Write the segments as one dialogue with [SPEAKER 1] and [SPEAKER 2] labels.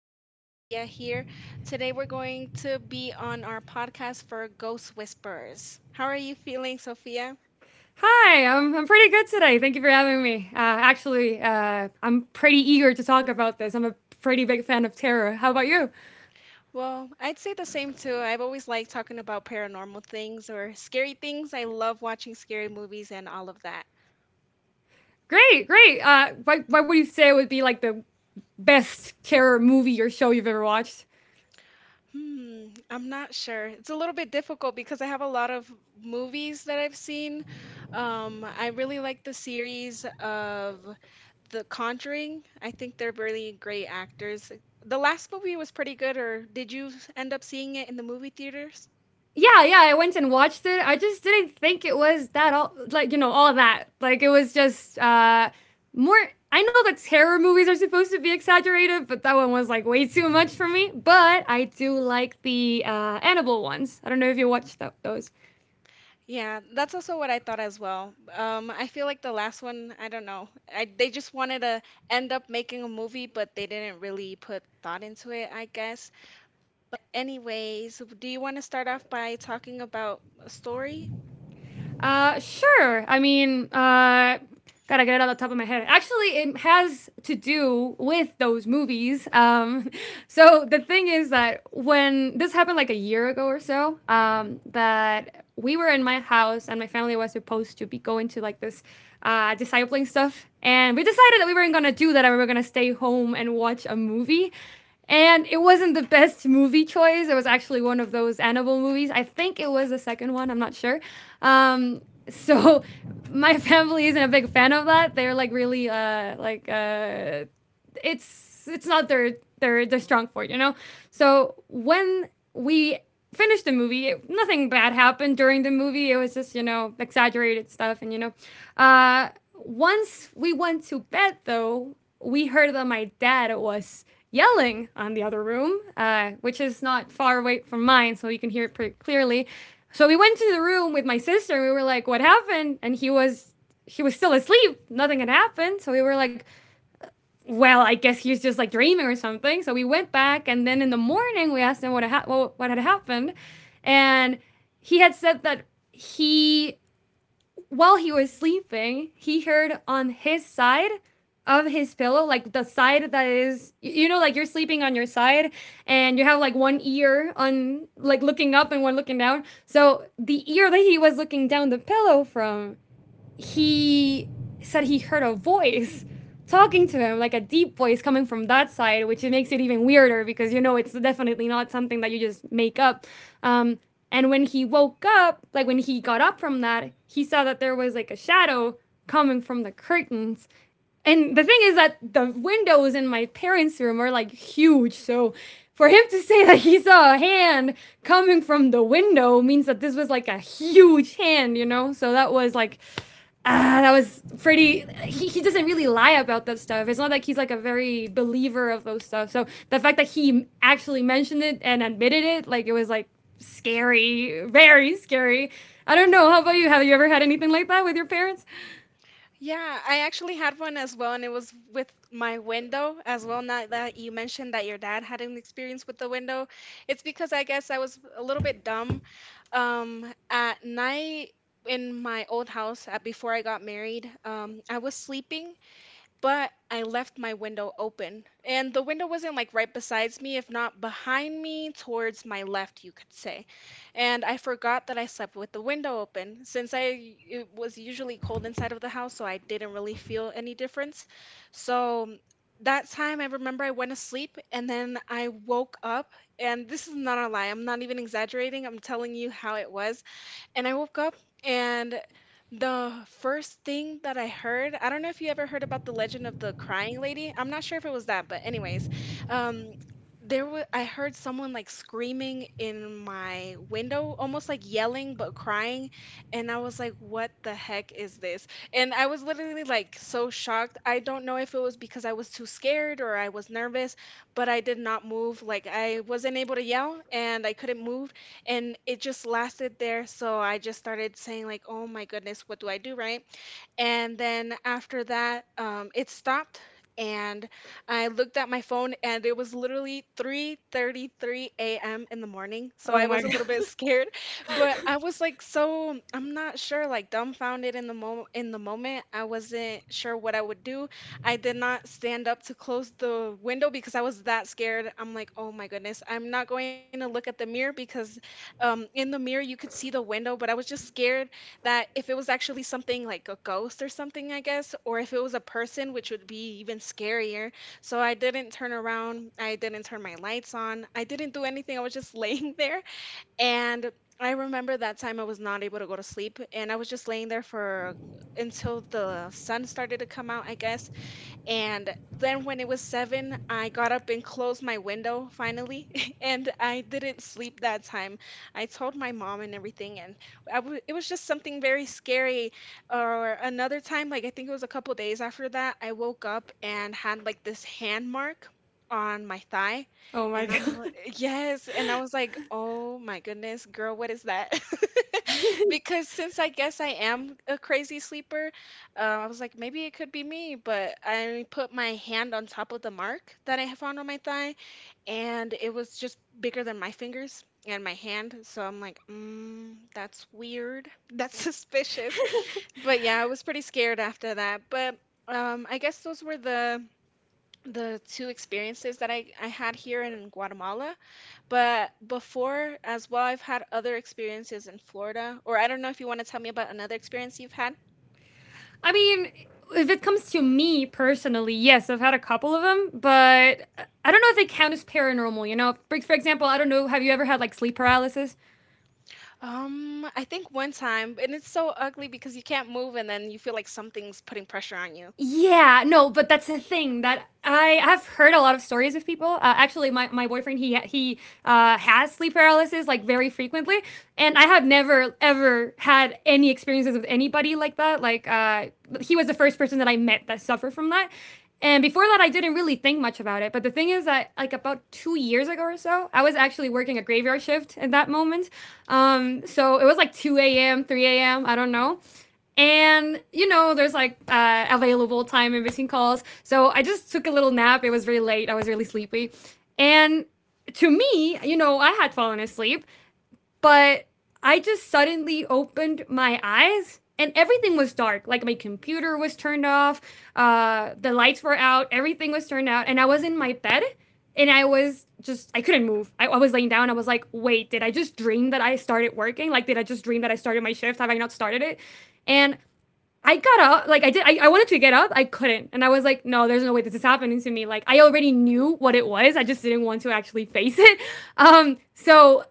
[SPEAKER 1] have Sophia here. Today we're going to be on our podcast for Ghost Whispers. How are you feeling, Sophia?
[SPEAKER 2] Hi, I'm pretty good today. Thank you for having me. Actually, I'm pretty eager to talk about this. I'm a pretty big fan of terror. How about you?
[SPEAKER 1] Well, I'd say the same too. I've always liked talking about paranormal things or scary things. I love watching scary movies and all of that.
[SPEAKER 2] Great, great. Why would you say it would be like the best terror movie or show you've ever watched?
[SPEAKER 1] Hmm, I'm not sure. It's a little bit difficult because I have a lot of movies that I've seen. I really like the series of The Conjuring, I think they're really great actors. The last movie was pretty good, or did you end up seeing it in the movie theaters?
[SPEAKER 2] Yeah, yeah, I went and watched it. I just didn't think it was that all like all of that. Like it was just more. I know that terror movies are supposed to be exaggerated, but that one was like way too much for me. But I do like the Annabelle ones. I don't know if you watched those.
[SPEAKER 1] Yeah, that's also what I thought as well. I feel like the last one, I don't know. They just wanted to end up making a movie, but they didn't really put thought into it, I guess. But anyways, do you want to start off by talking about a story?
[SPEAKER 2] Sure. I mean, gotta get it out the top of my head. Actually, it has to do with those movies. So the thing is that when this happened like a year ago or so, that we were in my house and my family was supposed to be going to like this discipling stuff, and we decided that we weren't gonna do that and we were gonna stay home and watch a movie. And it wasn't the best movie choice. It was actually one of those animal movies. I think it was the second one. I'm not sure. Um, so my family isn't a big fan of that. They're like really it's not their strong point, So when we finished the movie, it, nothing bad happened during the movie. It was just exaggerated stuff, and once we went to bed though, we heard that my dad was yelling on the other room, which is not far away from mine, so you can hear it pretty clearly. So we went to the room with my sister. And we were like, "What happened?" And he was still asleep. Nothing had happened. So we were like, well, I guess he was just like dreaming or something. So we went back, and then in the morning we asked him what what had happened, and he had said that he while he was sleeping he heard on his side of his pillow like the side that is like you're sleeping on your side and you have like one ear on like looking up and one looking down so the ear that he was looking down the pillow from he said he heard a voice talking to him, like a deep voice coming from that side, which it makes it even weirder because it's definitely not something that you just make up. Um, and when he woke up, like when he got up from that, he saw that there was like a shadow coming from the curtains. And the thing is that the windows in my parents' room are like huge. So for him to say that he saw a hand coming from the window means that this was like a huge hand, you know? So that was like ah, that was pretty. He doesn't really lie about that stuff. It's not like he's like a very believer of those stuff. So the fact that he actually mentioned it and admitted it, like it was like scary, very scary. I don't know. How about you? Have you ever had anything like that with your parents?
[SPEAKER 1] Yeah, I actually had one as well, and it was with my window as well. Not that you mentioned that your dad had an experience with the window. It's because I guess I was a little bit dumb. At night in my old house, before I got married, I was sleeping but I left my window open. And the window wasn't like right besides me, if not behind me, towards my left, you could say. And I forgot that I slept with the window open since I it was usually cold inside of the house, so I didn't really feel any difference. So that time I remember I went to sleep and then I woke up and this is not a lie. I'm not even exaggerating. I'm telling you how it was. And I woke up and the first thing that I heard, I don't know if you ever heard about the legend of the crying lady. I'm not sure if it was that, but anyways, um there was I heard someone like screaming in my window, almost like yelling but crying, and I was like, "What the heck is this?" And I was literally like so shocked. I don't know if it was because I was too scared or I was nervous, but I did not move. Like I wasn't able to yell and I couldn't move and it just lasted there, so I just started saying like, oh my goodness, what do I do, right? And then after that, it stopped, and I looked at my phone, and it was literally 3:33 a.m. in the morning. So
[SPEAKER 2] Oh
[SPEAKER 1] I
[SPEAKER 2] my
[SPEAKER 1] was a
[SPEAKER 2] god.
[SPEAKER 1] little bit scared, but I was like, so I'm not sure, like dumbfounded in the mo In the moment, I wasn't sure what I would do. I did not stand up to close the window because I was that scared. I'm like, oh my goodness, I'm not going to look at the mirror because in the mirror you could see the window, but I was just scared that if it was actually something like a ghost or something, I guess, or if it was a person, which would be even scarier. So I didn't turn around, I didn't turn my lights on, I didn't do anything, I was just laying there. And I remember that time I was not able to go to sleep, and I was just laying there for until the sun started to come out, I guess. And then when it was 7, I got up and closed my window finally, and I didn't sleep that time. I told my mom and everything, and I w it was just something very scary. Or another time, like I think it was a couple days after that, I woke up and had like this hand mark on my thigh,
[SPEAKER 2] Oh my
[SPEAKER 1] and I'm
[SPEAKER 2] god.
[SPEAKER 1] like, yes, and I was like, oh my goodness, girl, what is that? Because since I guess I am a crazy sleeper, I was like, maybe it could be me, but I put my hand on top of the mark that I had found on my thigh, and it was just bigger than my fingers and my hand. So I'm like, mm, that's weird. That's suspicious. But yeah, I was pretty scared after that. But I guess those were the two experiences that I had here in Guatemala. But before as well, I've had other experiences in Florida. Or I don't know if you want to tell me about another experience you've had.
[SPEAKER 2] I mean, if it comes to me personally, yes, I've had a couple of them, but I don't know if they count as paranormal. You know, for example, I don't know. Have you ever had like sleep paralysis?
[SPEAKER 1] I think one time, and it's so ugly because you can't move and then you feel like something's putting pressure on you.
[SPEAKER 2] Yeah, no, but that's the thing that I have heard a lot of stories of people. Actually, my boyfriend he has sleep paralysis like very frequently, and I have never ever had any experiences with anybody like that. Like he was the first person that I met that suffered from that, and before that, I didn't really think much about it. But the thing is that, like, about 2 years ago or so, I was actually working a graveyard shift at that moment. So it was like 2 a.m., 3 a.m., I don't know. And you know, there's like available time in between calls. So I just took a little nap. It was really late. I was really sleepy. And to me, you know, I had fallen asleep, but I just suddenly opened my eyes and everything was dark. Like my computer was turned off, the lights were out, everything was turned out, and I was in my bed and I was just I couldn't move. I was laying down. I was like, wait, did I just dream that I started working? Like, did I just dream that I started my shift? Have I not started it? And I got up, like I did. I wanted to get up, I couldn't, and I was like, "No, there's no way this is happening to me." Like I already knew what it was, I just didn't want to actually face it. So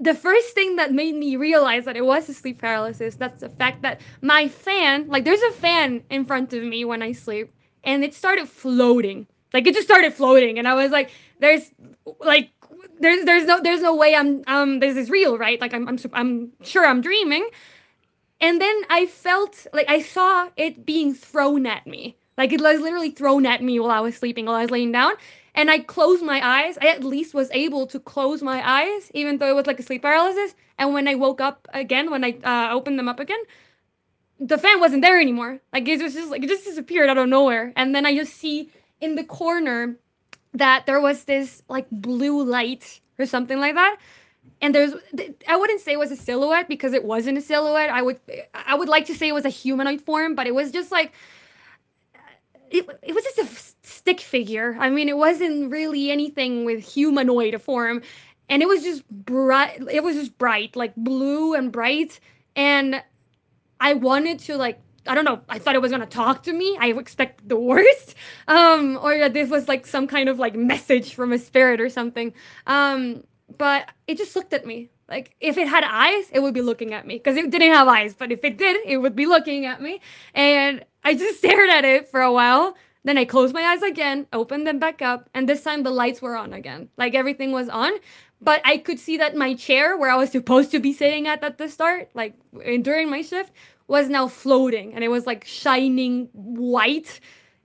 [SPEAKER 2] the first thing that made me realize that it was a sleep paralysis that's the fact that my fan, like there's a fan in front of me when I sleep, and it started floating. Like it just started floating, and I was like, "There's like." There's no there's no way I'm this is real right like I'm sure I'm dreaming and then I felt like I saw it being thrown at me. Like it was literally thrown at me while I was sleeping, while I was laying down. And I closed my eyes. I at least was able to close my eyes, even though it was like a sleep paralysis. And when I woke up again, when I opened them up again, the fan wasn't there anymore. Like it was just like it just disappeared out of nowhere. And then I just see in the corner that there was this like blue light or something like that and there's I wouldn't say it was a silhouette because it wasn't a silhouette. I would like to say it was a humanoid form, but it was just like it was just a stick figure. I mean, it wasn't really anything with humanoid form, and it was just bright. It was just bright, like blue and bright, and I wanted to like I don't know. I thought it was gonna talk to me. I expect the worst, or that this was like some kind of like message from a spirit or something. Um, but it just looked at me. Like if it had eyes, it would be looking at me because it didn't have eyes. But if it did, it would be looking at me. And I just stared at it for a while, then I closed my eyes again, opened them back up, and this time the lights were on again. Like everything was on, but I could see that my chair where I was supposed to be sitting at the start, like during my shift, was now floating and it was like shining white.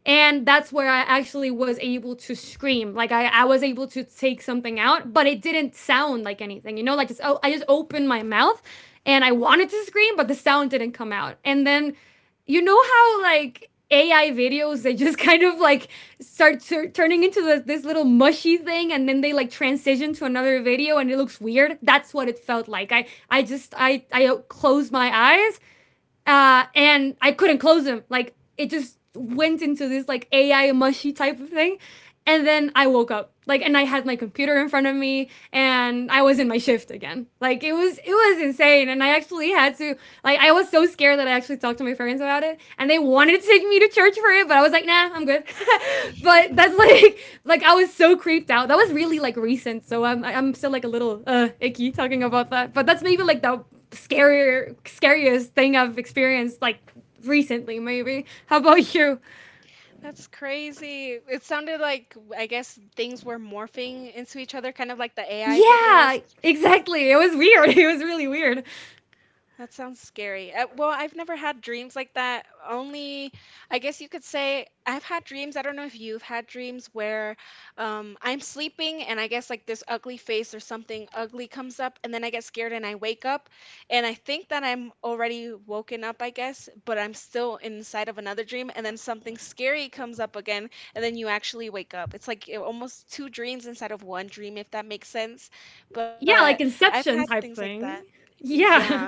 [SPEAKER 2] And that's where I actually was able to scream. Like I was able to take something out, but it didn't sound like anything, you know, like just oh I just opened my mouth and I wanted to scream, but the sound didn't come out. And then you know how like AI videos they just kind of like start turning into this, this little mushy thing and then they like transition to another video and it looks weird. That's what it felt like. I just I closed my eyes and I couldn't close them. Like it just went into this like AI mushy type of thing, and then I woke up like and I had my computer in front of me and I was in my shift again. Like it was insane and I actually had to like I was so scared that I actually talked to my parents about it and they wanted to take me to church for it but I was like nah, I'm good. But that's like I was so creeped out. That was really like recent so I'm still like a little icky talking about that. But that's maybe like the scarier scariest thing I've experienced like recently maybe. How about you?
[SPEAKER 1] That's crazy. It sounded like I guess things were morphing into each other, kind of like the AI
[SPEAKER 2] Yeah,
[SPEAKER 1] videos.
[SPEAKER 2] exactly. It was weird. It was really weird.
[SPEAKER 1] That sounds scary. Well, I've never had dreams like that. Only, I guess you could say, I've had dreams. I don't know if you've had dreams where I'm sleeping and I guess like this ugly face or something ugly comes up, and then I get scared and I wake up and I think that I'm already woken up, I guess, but I'm still inside of another dream, and then something scary comes up again, and then you actually wake up. It's like almost two dreams inside of one dream, if that makes sense.
[SPEAKER 2] Yeah,
[SPEAKER 1] But
[SPEAKER 2] like
[SPEAKER 1] I've had
[SPEAKER 2] Inception
[SPEAKER 1] things like
[SPEAKER 2] type
[SPEAKER 1] that.
[SPEAKER 2] thing.
[SPEAKER 1] Yeah.
[SPEAKER 2] Yeah.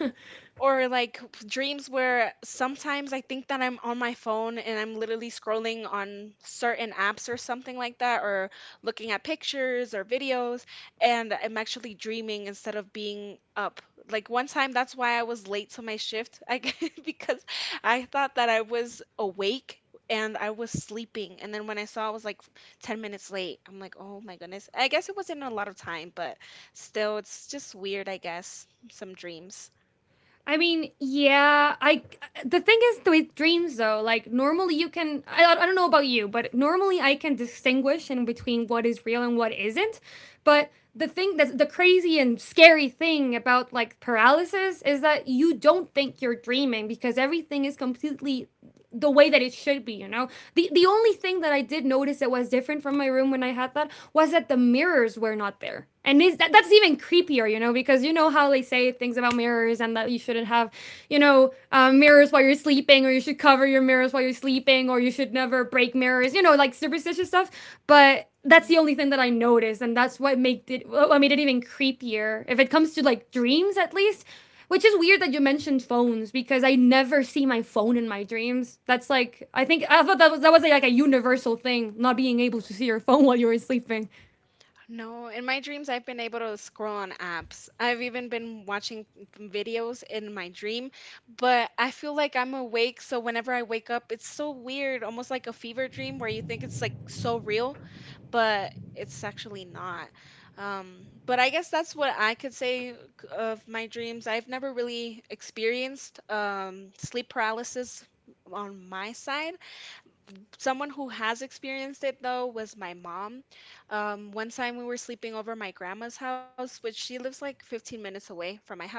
[SPEAKER 1] Or like dreams where sometimes I think that I'm on my phone and I'm literally scrolling on certain apps or something like that, or looking at pictures or videos, and I'm actually dreaming instead of being up. Like one time, that's why I was late to my shift, because I thought that I was awake and I was sleeping. And then when I saw I was like 10 minutes late, I'm like, oh my goodness. I guess it wasn't a lot of time, but still, it's just weird, I guess, some dreams.
[SPEAKER 2] I mean, yeah. I the thing is with dreams though, like normally you can I don't know about you, but normally I can distinguish in between what is real and what isn't. But the thing that's the crazy and scary thing about like paralysis is that you don't think you're dreaming because everything is completely the way that it should be, you know? The only thing that I did notice that was different from my room when I had that was that the mirrors were not there. And is that that's even creepier, you know, because you know how they say things about mirrors and that you shouldn't have, mirrors while you're sleeping, or you should cover your mirrors while you're sleeping, or you should never break mirrors, like superstitious stuff. But that's
[SPEAKER 1] Yeah.
[SPEAKER 2] the only thing that I noticed, and that's what made it even creepier. If it comes to like dreams, at least which is weird that you mentioned phones because I never see my phone in my dreams. That's like I thought that was like a universal thing, not being able to see your phone while you were sleeping.
[SPEAKER 1] No, in my dreams, I've been able to scroll on apps. I've even been watching videos in my dream, but I feel like I'm awake. So whenever I wake up, it's so weird, almost like a fever dream where you think it's like so real, but it's actually not. But I guess that's what I could say of my dreams. I've never really experienced sleep paralysis on my side. Someone who has experienced it though was my mom. One time we were sleeping over my grandma's house, which she lives like 15 minutes away from my house.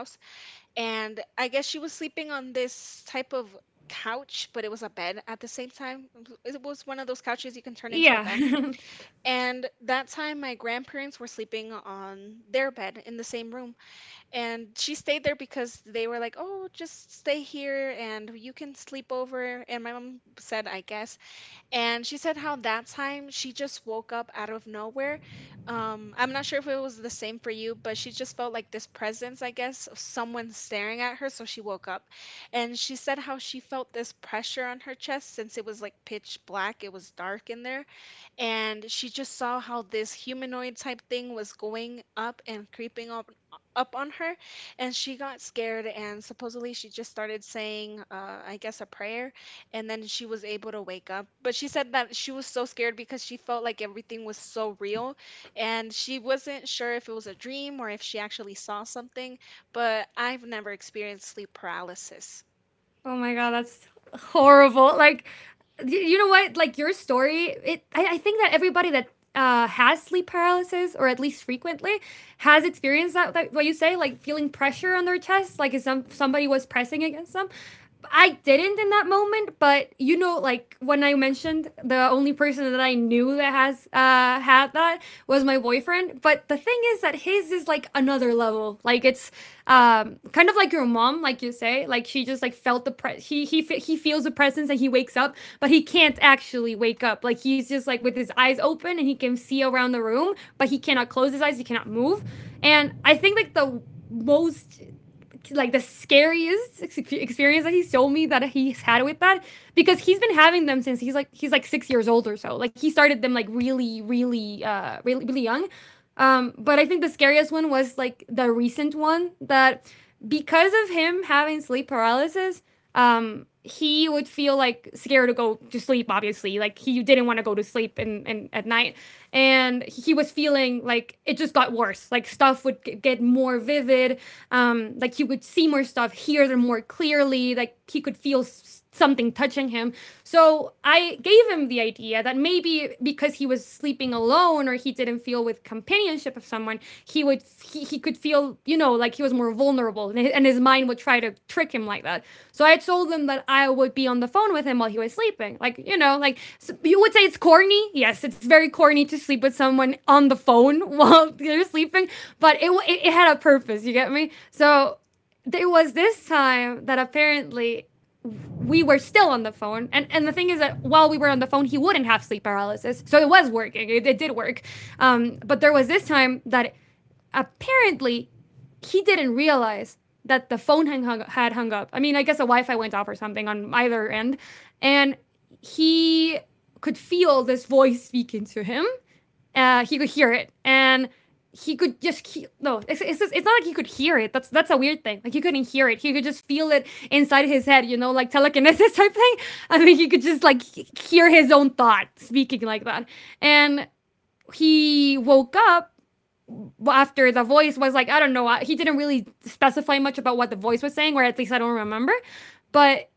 [SPEAKER 1] And I guess she was sleeping on this type of couch, but it was a bed at the same time. It was one of those couches you can turn into a
[SPEAKER 2] Yeah.
[SPEAKER 1] bed. And that time, my grandparents were sleeping on their bed in the same room. And she stayed there because they were like, oh, just stay here and you can sleep over. And my mom said, I guess. And she said how that time she just woke up out of nowhere. I'm not sure if it was the same for you, but she just felt like this presence, I guess, of someone staring at her, so she woke up. And she said how she felt this pressure on her chest since it was like pitch black, it was dark in there and she just saw how this humanoid type thing was going up and creeping up on her and she got scared and supposedly she just started saying I guess a prayer and then she was able to wake up but she said that she was so scared because she felt like everything was so real and she wasn't sure if it was a dream or if she actually saw something, but I've never experienced sleep paralysis.
[SPEAKER 2] Oh my god, that's horrible. Like, you know what? Like your story, it. I think that everybody that has sleep paralysis, or at least frequently, has experienced that. What you say, like feeling pressure on their chest, like if somebody was pressing against them. I didn't in that moment, but you know, like when I mentioned the only person that I knew that has once had that was my boyfriend. But the thing is that his is like another level. Like it's kind of like your mom, like you say, like she just like felt the he feels the presence and he wakes up, but he can't actually wake up. Like he's just like with his eyes open and he can see around the room, but he cannot close his eyes. He cannot move. And I think like the most like the scariest experience that he's told me that he's had with that because he's been having them since he's like 6 years old or so. Like he started them like really, really, really, really young. But I think the scariest one was like the recent one that because of him having sleep paralysis, he would feel like scared to go to sleep obviously like he didn't want to go to sleep and at night and he was feeling like it just got worse like stuff would get more vivid like he would see more stuff hear them more clearly like he could feel something touching him so I gave him the idea that maybe because he was sleeping alone or he didn't feel with companionship of someone, he would he could feel like he was more vulnerable and his, mind would try to trick him like that. So I told him that I would be on the phone with him while he was sleeping. Like so you would say it's corny. Yes, it's very corny to sleep with someone on the phone while they're sleeping, but it had a purpose. You get me? So there was this time that apparently we were still on the phone. And the thing is that while we were on the phone, he wouldn't have sleep paralysis. So it was working. It did work. But there was this time that apparently he didn't realize that the phone had hung up. I mean, I guess the Wi Fi went off or something on either end. And he could feel this voice speaking to him, he could hear it, and he could just no. It's not like he could hear it. That's a weird thing. Like he couldn't hear it. He could just feel it inside his head. You know, like telekinesis type thing. I mean, he could
[SPEAKER 1] Mhm,
[SPEAKER 2] just like hear his own thought speaking like that. And he woke up, well, after the voice was like, I don't know. He didn't really specify much about what the voice was saying, or at least I don't remember. But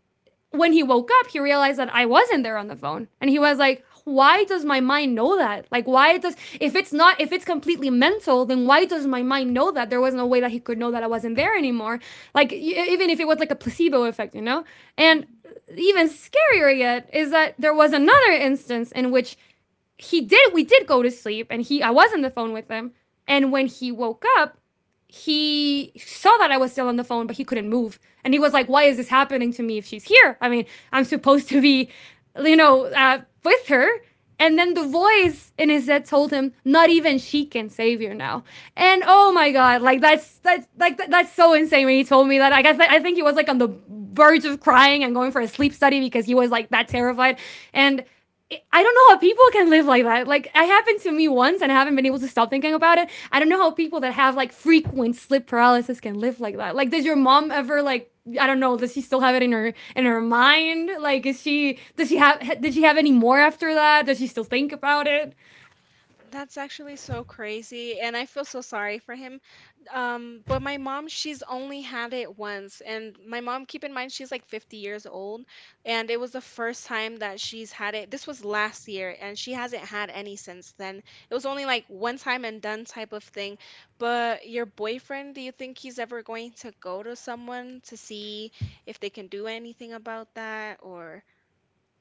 [SPEAKER 2] when he woke up, he realized that I wasn't there on the phone. And he was like, why does my mind know that? Like, why does, if it's completely mental, then why does my mind know that? There was no way that he could know that I wasn't there anymore. Like, even if it was like a placebo effect, you know? And
[SPEAKER 1] mhm.
[SPEAKER 2] even scarier yet is that there was another instance in which we did go to sleep and I was on the phone with him. And when he woke up, he saw that I was still on the phone, but he couldn't move. And he was like, why is this happening to me if she's here? I mean, I'm supposed to be, with her. And then the voice in his head told him, "Not even she can save you now." And oh my god, like that's so insane when he told me that. Like, I think he was like on the verge of crying and going for a sleep study because he was like that terrified. And I don't know how people can live like that. Like, it happened to me once and I haven't been able to stop thinking about it. I don't know how people that have like frequent sleep paralysis can live like that. Like, does your mom ever, like, I don't know, does she still have it in her mind? Like is she does she have did she have any more after that? Does she still think about it?
[SPEAKER 1] That's actually so crazy, and I feel so sorry for him. But my mom, she's only had it once, and my mom, keep in mind, she's like 50 years old, and it was the first time that she's had it. This was last year, and she hasn't had any since then. It was only like one time and done type of thing. But your boyfriend, do you think he's ever going to go to someone to see if they can do anything about that, or?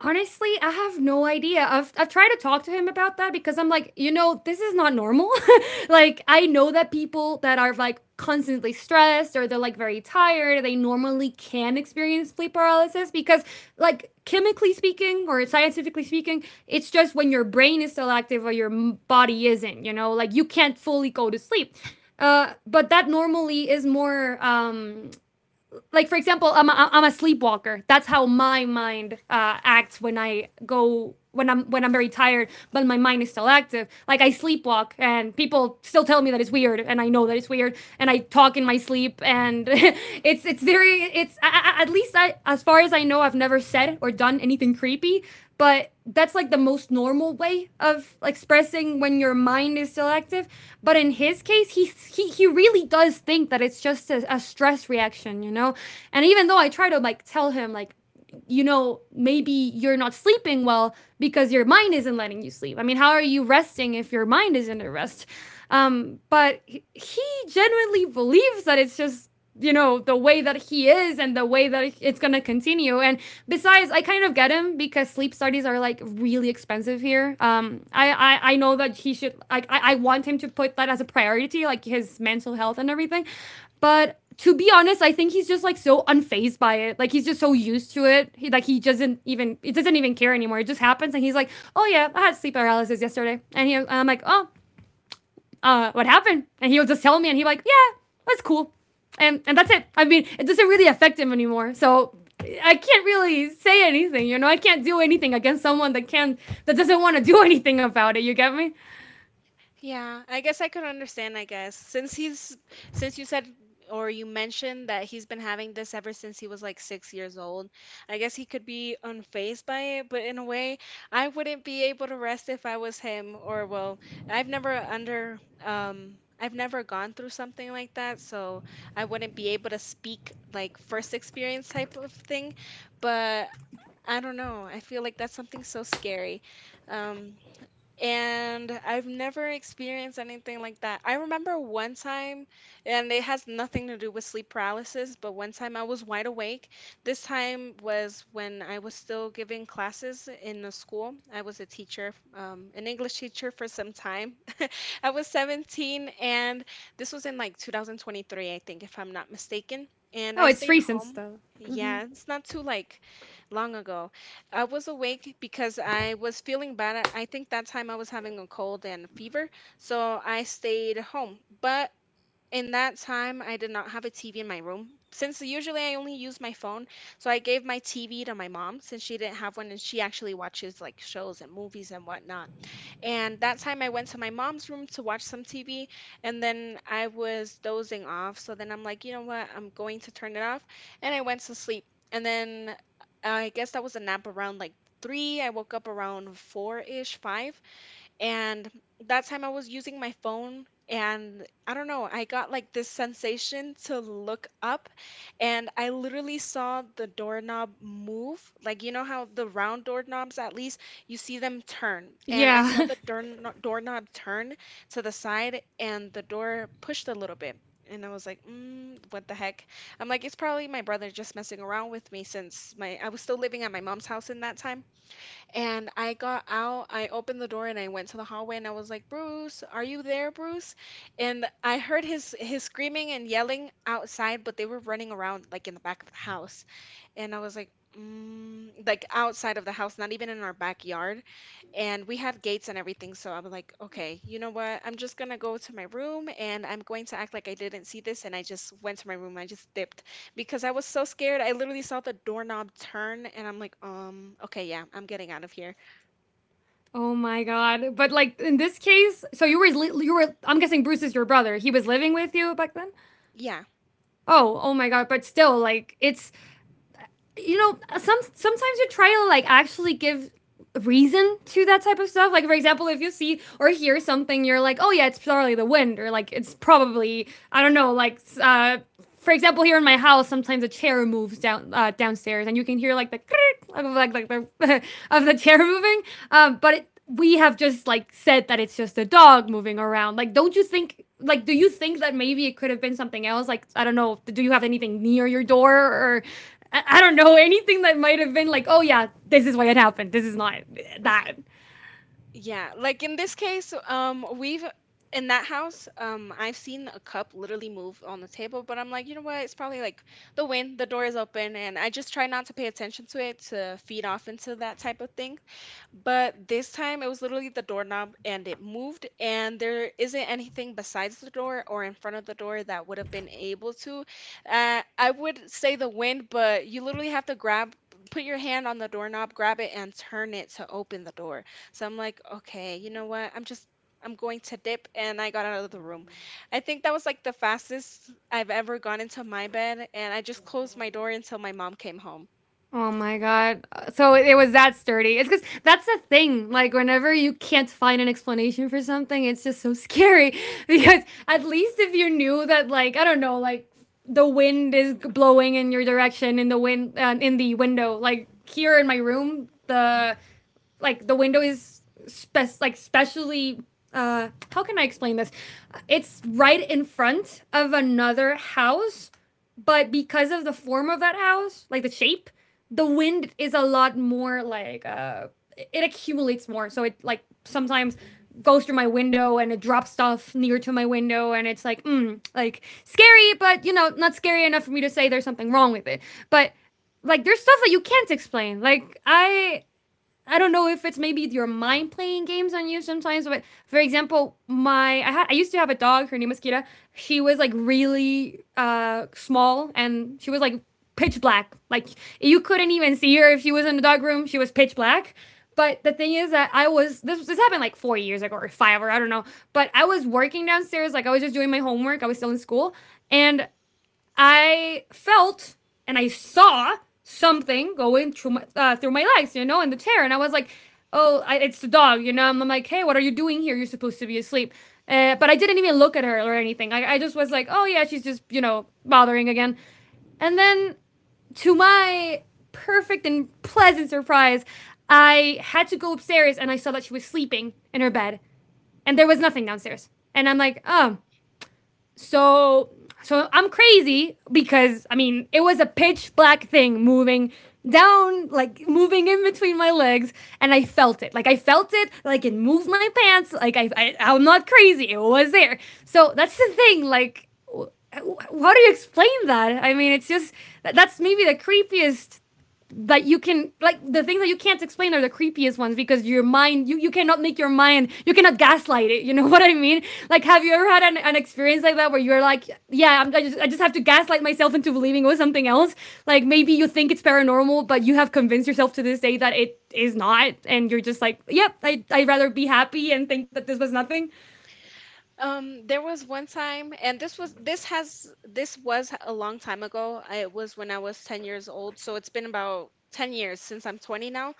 [SPEAKER 2] Honestly, I have no idea. I've tried to talk to him about that because I'm like, you know, this is not normal. Like, I know that people that are like constantly stressed or they're like very tired, they normally can experience sleep paralysis because, like, chemically speaking or scientifically speaking, it's just when your brain is still active or your body isn't, you know, like you can't fully go to sleep. But that normally is more, like for example, I'm a sleepwalker, that's how my mind acts when I go when I'm when I'm very tired, but my mind is still active, like I sleepwalk and people still tell me that it's weird and I know that it's weird and I talk in my sleep and it's very it's at least I, as far as I know, I've never said or done anything creepy, but that's like the most normal way of expressing when your mind is still active. But in his case, he really does think that it's just a stress reaction, you know. And even though I try to like tell him, like, you know, maybe you're not sleeping well because your mind isn't letting you sleep, I mean how are you resting if your mind isn't at rest, but genuinely believes that it's just, the way that he is and the way that it's going to continue, and besides I kind of get him because sleep studies are like really expensive here, I know that he should, like, I want him to put that as a priority, like his mental health and everything, but to be honest, I think he's just like so unfazed by it. Like he's just so used to it. He like he doesn't even it doesn't even care anymore. It just happens, and he's like, "Oh yeah, I had sleep paralysis yesterday," and he and I'm like, "Oh, what happened?" And he'll just tell me, and he like, "Yeah, that's cool," and that's it. I mean, it doesn't really affect him anymore. So I can't really say anything. You know, I can't do anything against someone that can not that doesn't want to do anything about it. You get me?
[SPEAKER 1] Yeah, I guess I could understand, I guess. Since you said or you mentioned that he's been having this ever since he was like 6 years old, I guess he could be unfazed by it, but in a way, I wouldn't be able to rest if I was him, or well, I've never under um I've never gone through something like that, so I wouldn't be able to speak like first experience type of thing, but I don't know. I feel like that's something so scary. Um and I've never experienced anything like that. I remember one time, and it has nothing to do with sleep paralysis, but one time I was wide awake. This time was when I was still giving classes in a school. I was a teacher, an English teacher for some time. I was 17, and this was in like 2023, I think, if I'm not mistaken. And
[SPEAKER 2] Oh,
[SPEAKER 1] I
[SPEAKER 2] it's
[SPEAKER 1] stayed
[SPEAKER 2] recent
[SPEAKER 1] home.
[SPEAKER 2] though.
[SPEAKER 1] Yeah, it's not too like long ago. I was awake because I was feeling bad. I think that time I was having a cold and fever, so I stayed home. But in that time, I did not have a TV in my room. Since usually I only use my phone, so I gave my TV to my mom since she didn't have one, and she actually watches like shows and movies and whatnot. And that time I went to my mom's room to watch some TV, and then I was dozing off. So then I'm like, you know what? I'm going to turn it off. And I went to sleep. And then I guess that was a nap around like three. I woke up around four-ish, five. And that time I was using my phone, and I don't know, I got like this sensation to look up, and I literally saw the doorknob move. Like, you know how the round doorknobs, at least, you see them turn. And I saw
[SPEAKER 2] Yeah.
[SPEAKER 1] the doorknob turn to the side, and the door pushed a little bit. And I was like, mm, what the heck? I'm like, it's probably my brother just messing around with me, since my I was still living at my mom's house in that time. And I got out, I opened the door and I went to the hallway and I was like, "Bruce, are you there, Bruce?" And I heard his screaming and yelling outside, but they were running around like in the back of the house. And I was like, mm, like outside of the house, not even in our backyard. And we had gates and everything. So I was like, okay, you know what? I'm just gonna go to my room and I'm going to act like I didn't see this. And I just went to my room. I just dipped because I was so scared. I literally saw the doorknob turn and I'm like, okay, yeah, I'm getting out of here.
[SPEAKER 2] Oh my god! But like in this case, so you were I'm guessing Bruce is your brother. He was living with you back then.
[SPEAKER 1] Yeah.
[SPEAKER 2] Oh, oh my god! But still, like it's, sometimes you try to like actually give reason to that type of stuff. Like for example, if you see or hear something, you're like, oh yeah, it's probably the wind, or like it's probably, I don't know, like, for example, here in my house, sometimes a chair moves downstairs, and you can hear like the of like the of the chair moving. But we have just like said that it's just a dog moving around. Like, don't you think? Like, do you think that maybe it could have been something else? Like, I don't know. Do you have anything near your door or? I don't know anything that might have been like, oh yeah, this is why it happened. This is not that.
[SPEAKER 1] Yeah, like in this case, we've in that house, I've seen a cup literally move on the table, but I'm like, you know what? It's probably like the wind, the door is open, and I just try not to pay attention to it to feed off into that type of thing. But this time it was literally the doorknob and it moved, and there isn't anything besides the door or in front of the door that would have been able to. I would say the wind, but you literally have to grab, put your hand on the doorknob, grab it, and turn it to open the door. So I'm like, okay, you know what? I'm going to dip, and I got out of the room. I think that was like the fastest I've ever gone into my bed, and I just closed my door until my mom came home.
[SPEAKER 2] Oh my god. So it was that sturdy. It's because that's the thing. Like whenever you can't find an explanation for something, it's just so scary. Because at least if you knew that, like I don't know, like the wind is blowing in your direction in the wind in the window. Like here in my room, the like the window is specially how can I explain this? It's right in front of another house, but because of the form of that house, like the shape, the wind is a lot more like it accumulates more. So it like sometimes goes through my window and it drops stuff near to my window and it's like like scary, but you know, not scary enough for me to say there's something wrong with it, but like there's stuff that you can't explain, like I don't know if it's maybe your mind playing games on you sometimes, but for example, I used to have a dog. Her name was Kira. She was like really small, and she was like pitch black. Like you couldn't even see her if she was in the dog room. She was pitch black. But the thing is that I was this this happened like 4 years ago or five or I don't know. But I was working downstairs, like I was just doing my homework. I was still in school, and I felt and I saw something going through my legs, you know, in the chair. And I was like, oh, it's the dog, you know. I'm like, hey, what are you doing here? You're supposed to be asleep. But I didn't even look at her or anything. I just was like, oh, yeah, she's just, you know, bothering again. And then, to my perfect and pleasant surprise, I had to go upstairs and I saw that she was sleeping in her bed and there was nothing downstairs. And I'm like, oh, so so I'm crazy, because I mean it was a pitch black thing moving down, like moving in between my legs, and I felt it, like I felt it, like it moved my pants, like I'm not crazy, it was there. So that's the thing, like how do you explain that? I mean it's just, that's maybe the creepiest that you can, like the things that you can't explain are the creepiest ones because your mind, you cannot make your mind, you cannot gaslight it, you know what I mean? Like have you ever had an experience like that where you're like, yeah, I just have to gaslight myself into believing it was something else, like maybe you think it's paranormal but you have convinced yourself to this day that it is not, and you're just like, yep. Yeah, I'd rather be happy and think that this was nothing,
[SPEAKER 1] There was one time, and this was a long time ago. It was when I was 10 years old, so it's been about 10 years since I'm 20 now.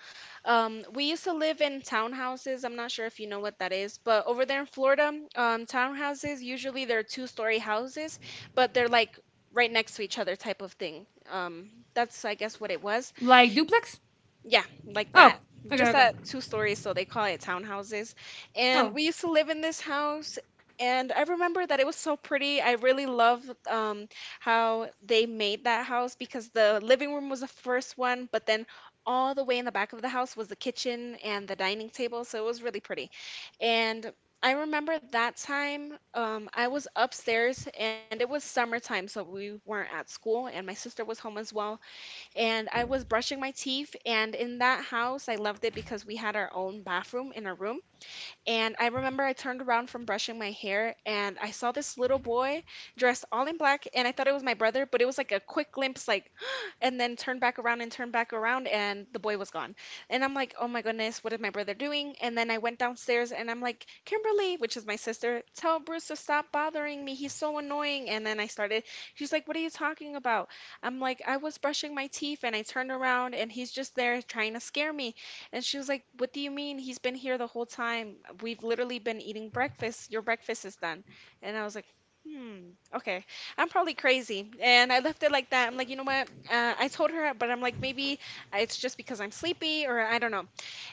[SPEAKER 1] We used to live in townhouses. I'm not sure if you know what that is, but over there in Florida, townhouses usually they're two-story houses, but they're like right next to each other type of thing. That's I guess what it was.
[SPEAKER 2] like duplex.
[SPEAKER 1] Yeah, like
[SPEAKER 2] Oh,
[SPEAKER 1] that.
[SPEAKER 2] okay,
[SPEAKER 1] Just
[SPEAKER 2] okay.
[SPEAKER 1] that two stories, so they call it townhouses. And
[SPEAKER 2] Oh,
[SPEAKER 1] we used to live in this house, and I remember that it was so pretty. I really love um, how they made that house, because the living room was the first one, but then all the way in the back of the house was the kitchen and the dining table, so it was really pretty. And I remember that time I was upstairs, and it was summertime, so we weren't at school, and my sister was home as well, and I was brushing my teeth. And in that house, I loved it because we had our own bathroom in our room. And I remember I turned around from brushing my hair and I saw this little boy dressed all in black, and I thought it was my brother, but it was like a quick glimpse, like, and then turned back around and turned back around and the boy was gone. And I'm like, oh my goodness, what is my brother doing? And then I went downstairs and I'm like, Kimberly, which is my sister, tell Bruce to stop bothering me. He's so annoying. And then I started, she's like, what are you talking about? I'm like, I was brushing my teeth and I turned around and he's just there trying to scare me. And she was like, what do you mean? He's been here the whole time. We've literally been eating breakfast. Your breakfast is done. And I was like, hmm, okay. I'm probably crazy. And I left it like that. I'm like, you know what? I told her, but I'm like, maybe it's just because I'm sleepy or I don't know.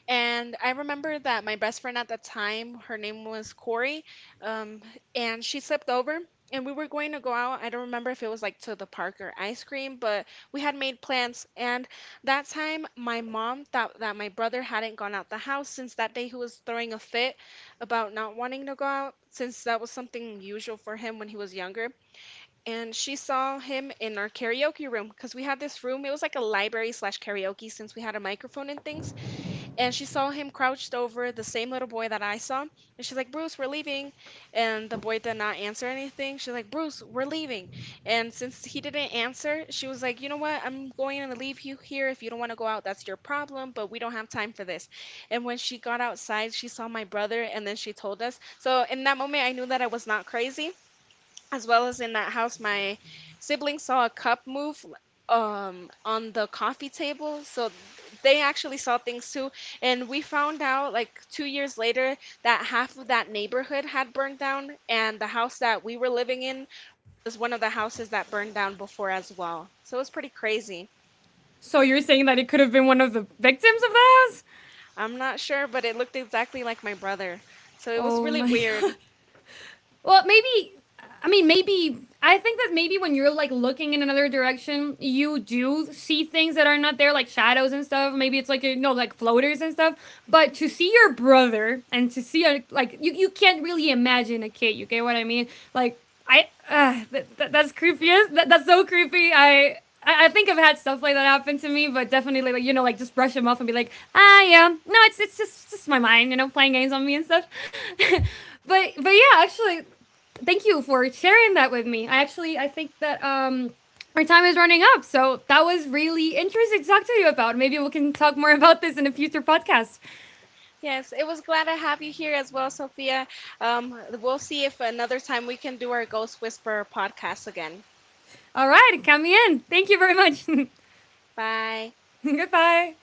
[SPEAKER 1] And I remember that my best friend at the time, her name was Corey, um, and she slipped over and we were going to go out. I don't remember if it was like to the park or ice cream, but we had made plans. And that time, my mom thought that my brother hadn't gone out the house since that day he was throwing a fit about not wanting to go out, since that was something usual for him when he was younger. And she saw him in our karaoke room because we had this room. It was like a library slash karaoke since we had a microphone and things, and she saw him crouched over the same little boy that I saw. And she's like, Bruce, we're leaving. And the boy did not answer anything. She's like, Bruce, we're leaving. And since he didn't answer, she was like, you know what? I'm going to leave you here. If you don't want to go out, that's your problem, but we don't have time for this. And when she got outside, she saw my brother, and then she told us. So in that moment, I knew that I was not crazy, as well as in that house my siblings saw a cup move on the coffee table, so they actually saw things too. And we found out like 2 years later that half of that neighborhood had burned down, and the house that we were living in was one of the houses that burned down before as well, so it was pretty crazy.
[SPEAKER 2] so you're saying that it could have been one of the victims of the house?
[SPEAKER 1] I'm not sure, but it looked exactly like my brother, so it was
[SPEAKER 2] Oh
[SPEAKER 1] really
[SPEAKER 2] my god.
[SPEAKER 1] weird.
[SPEAKER 2] Well, maybe, maybe, I think that maybe when you're like looking in another direction, you do see things that are not there, like shadows and stuff. Maybe it's like, you know, like floaters and stuff. But to see your brother and to see a, like you can't really imagine a kid. You get what I mean? Like that's creepy. That's so creepy. I think I've had stuff like that happen to me, but definitely, like you know, like just brush them off and be like, ah, yeah, no, it's just my mind, you know, playing games on me and stuff. But yeah, actually, thank you for sharing that with me. I think that our time is running up, so that was really interesting to talk to you about. Maybe we can talk more about this in a future podcast.
[SPEAKER 1] Yes, it was glad to have you here as well, Sophia. We'll see if another time we can do our Ghost Whisperer podcast again.
[SPEAKER 2] All right, count me in. Thank you very much.
[SPEAKER 1] Bye.
[SPEAKER 2] Goodbye.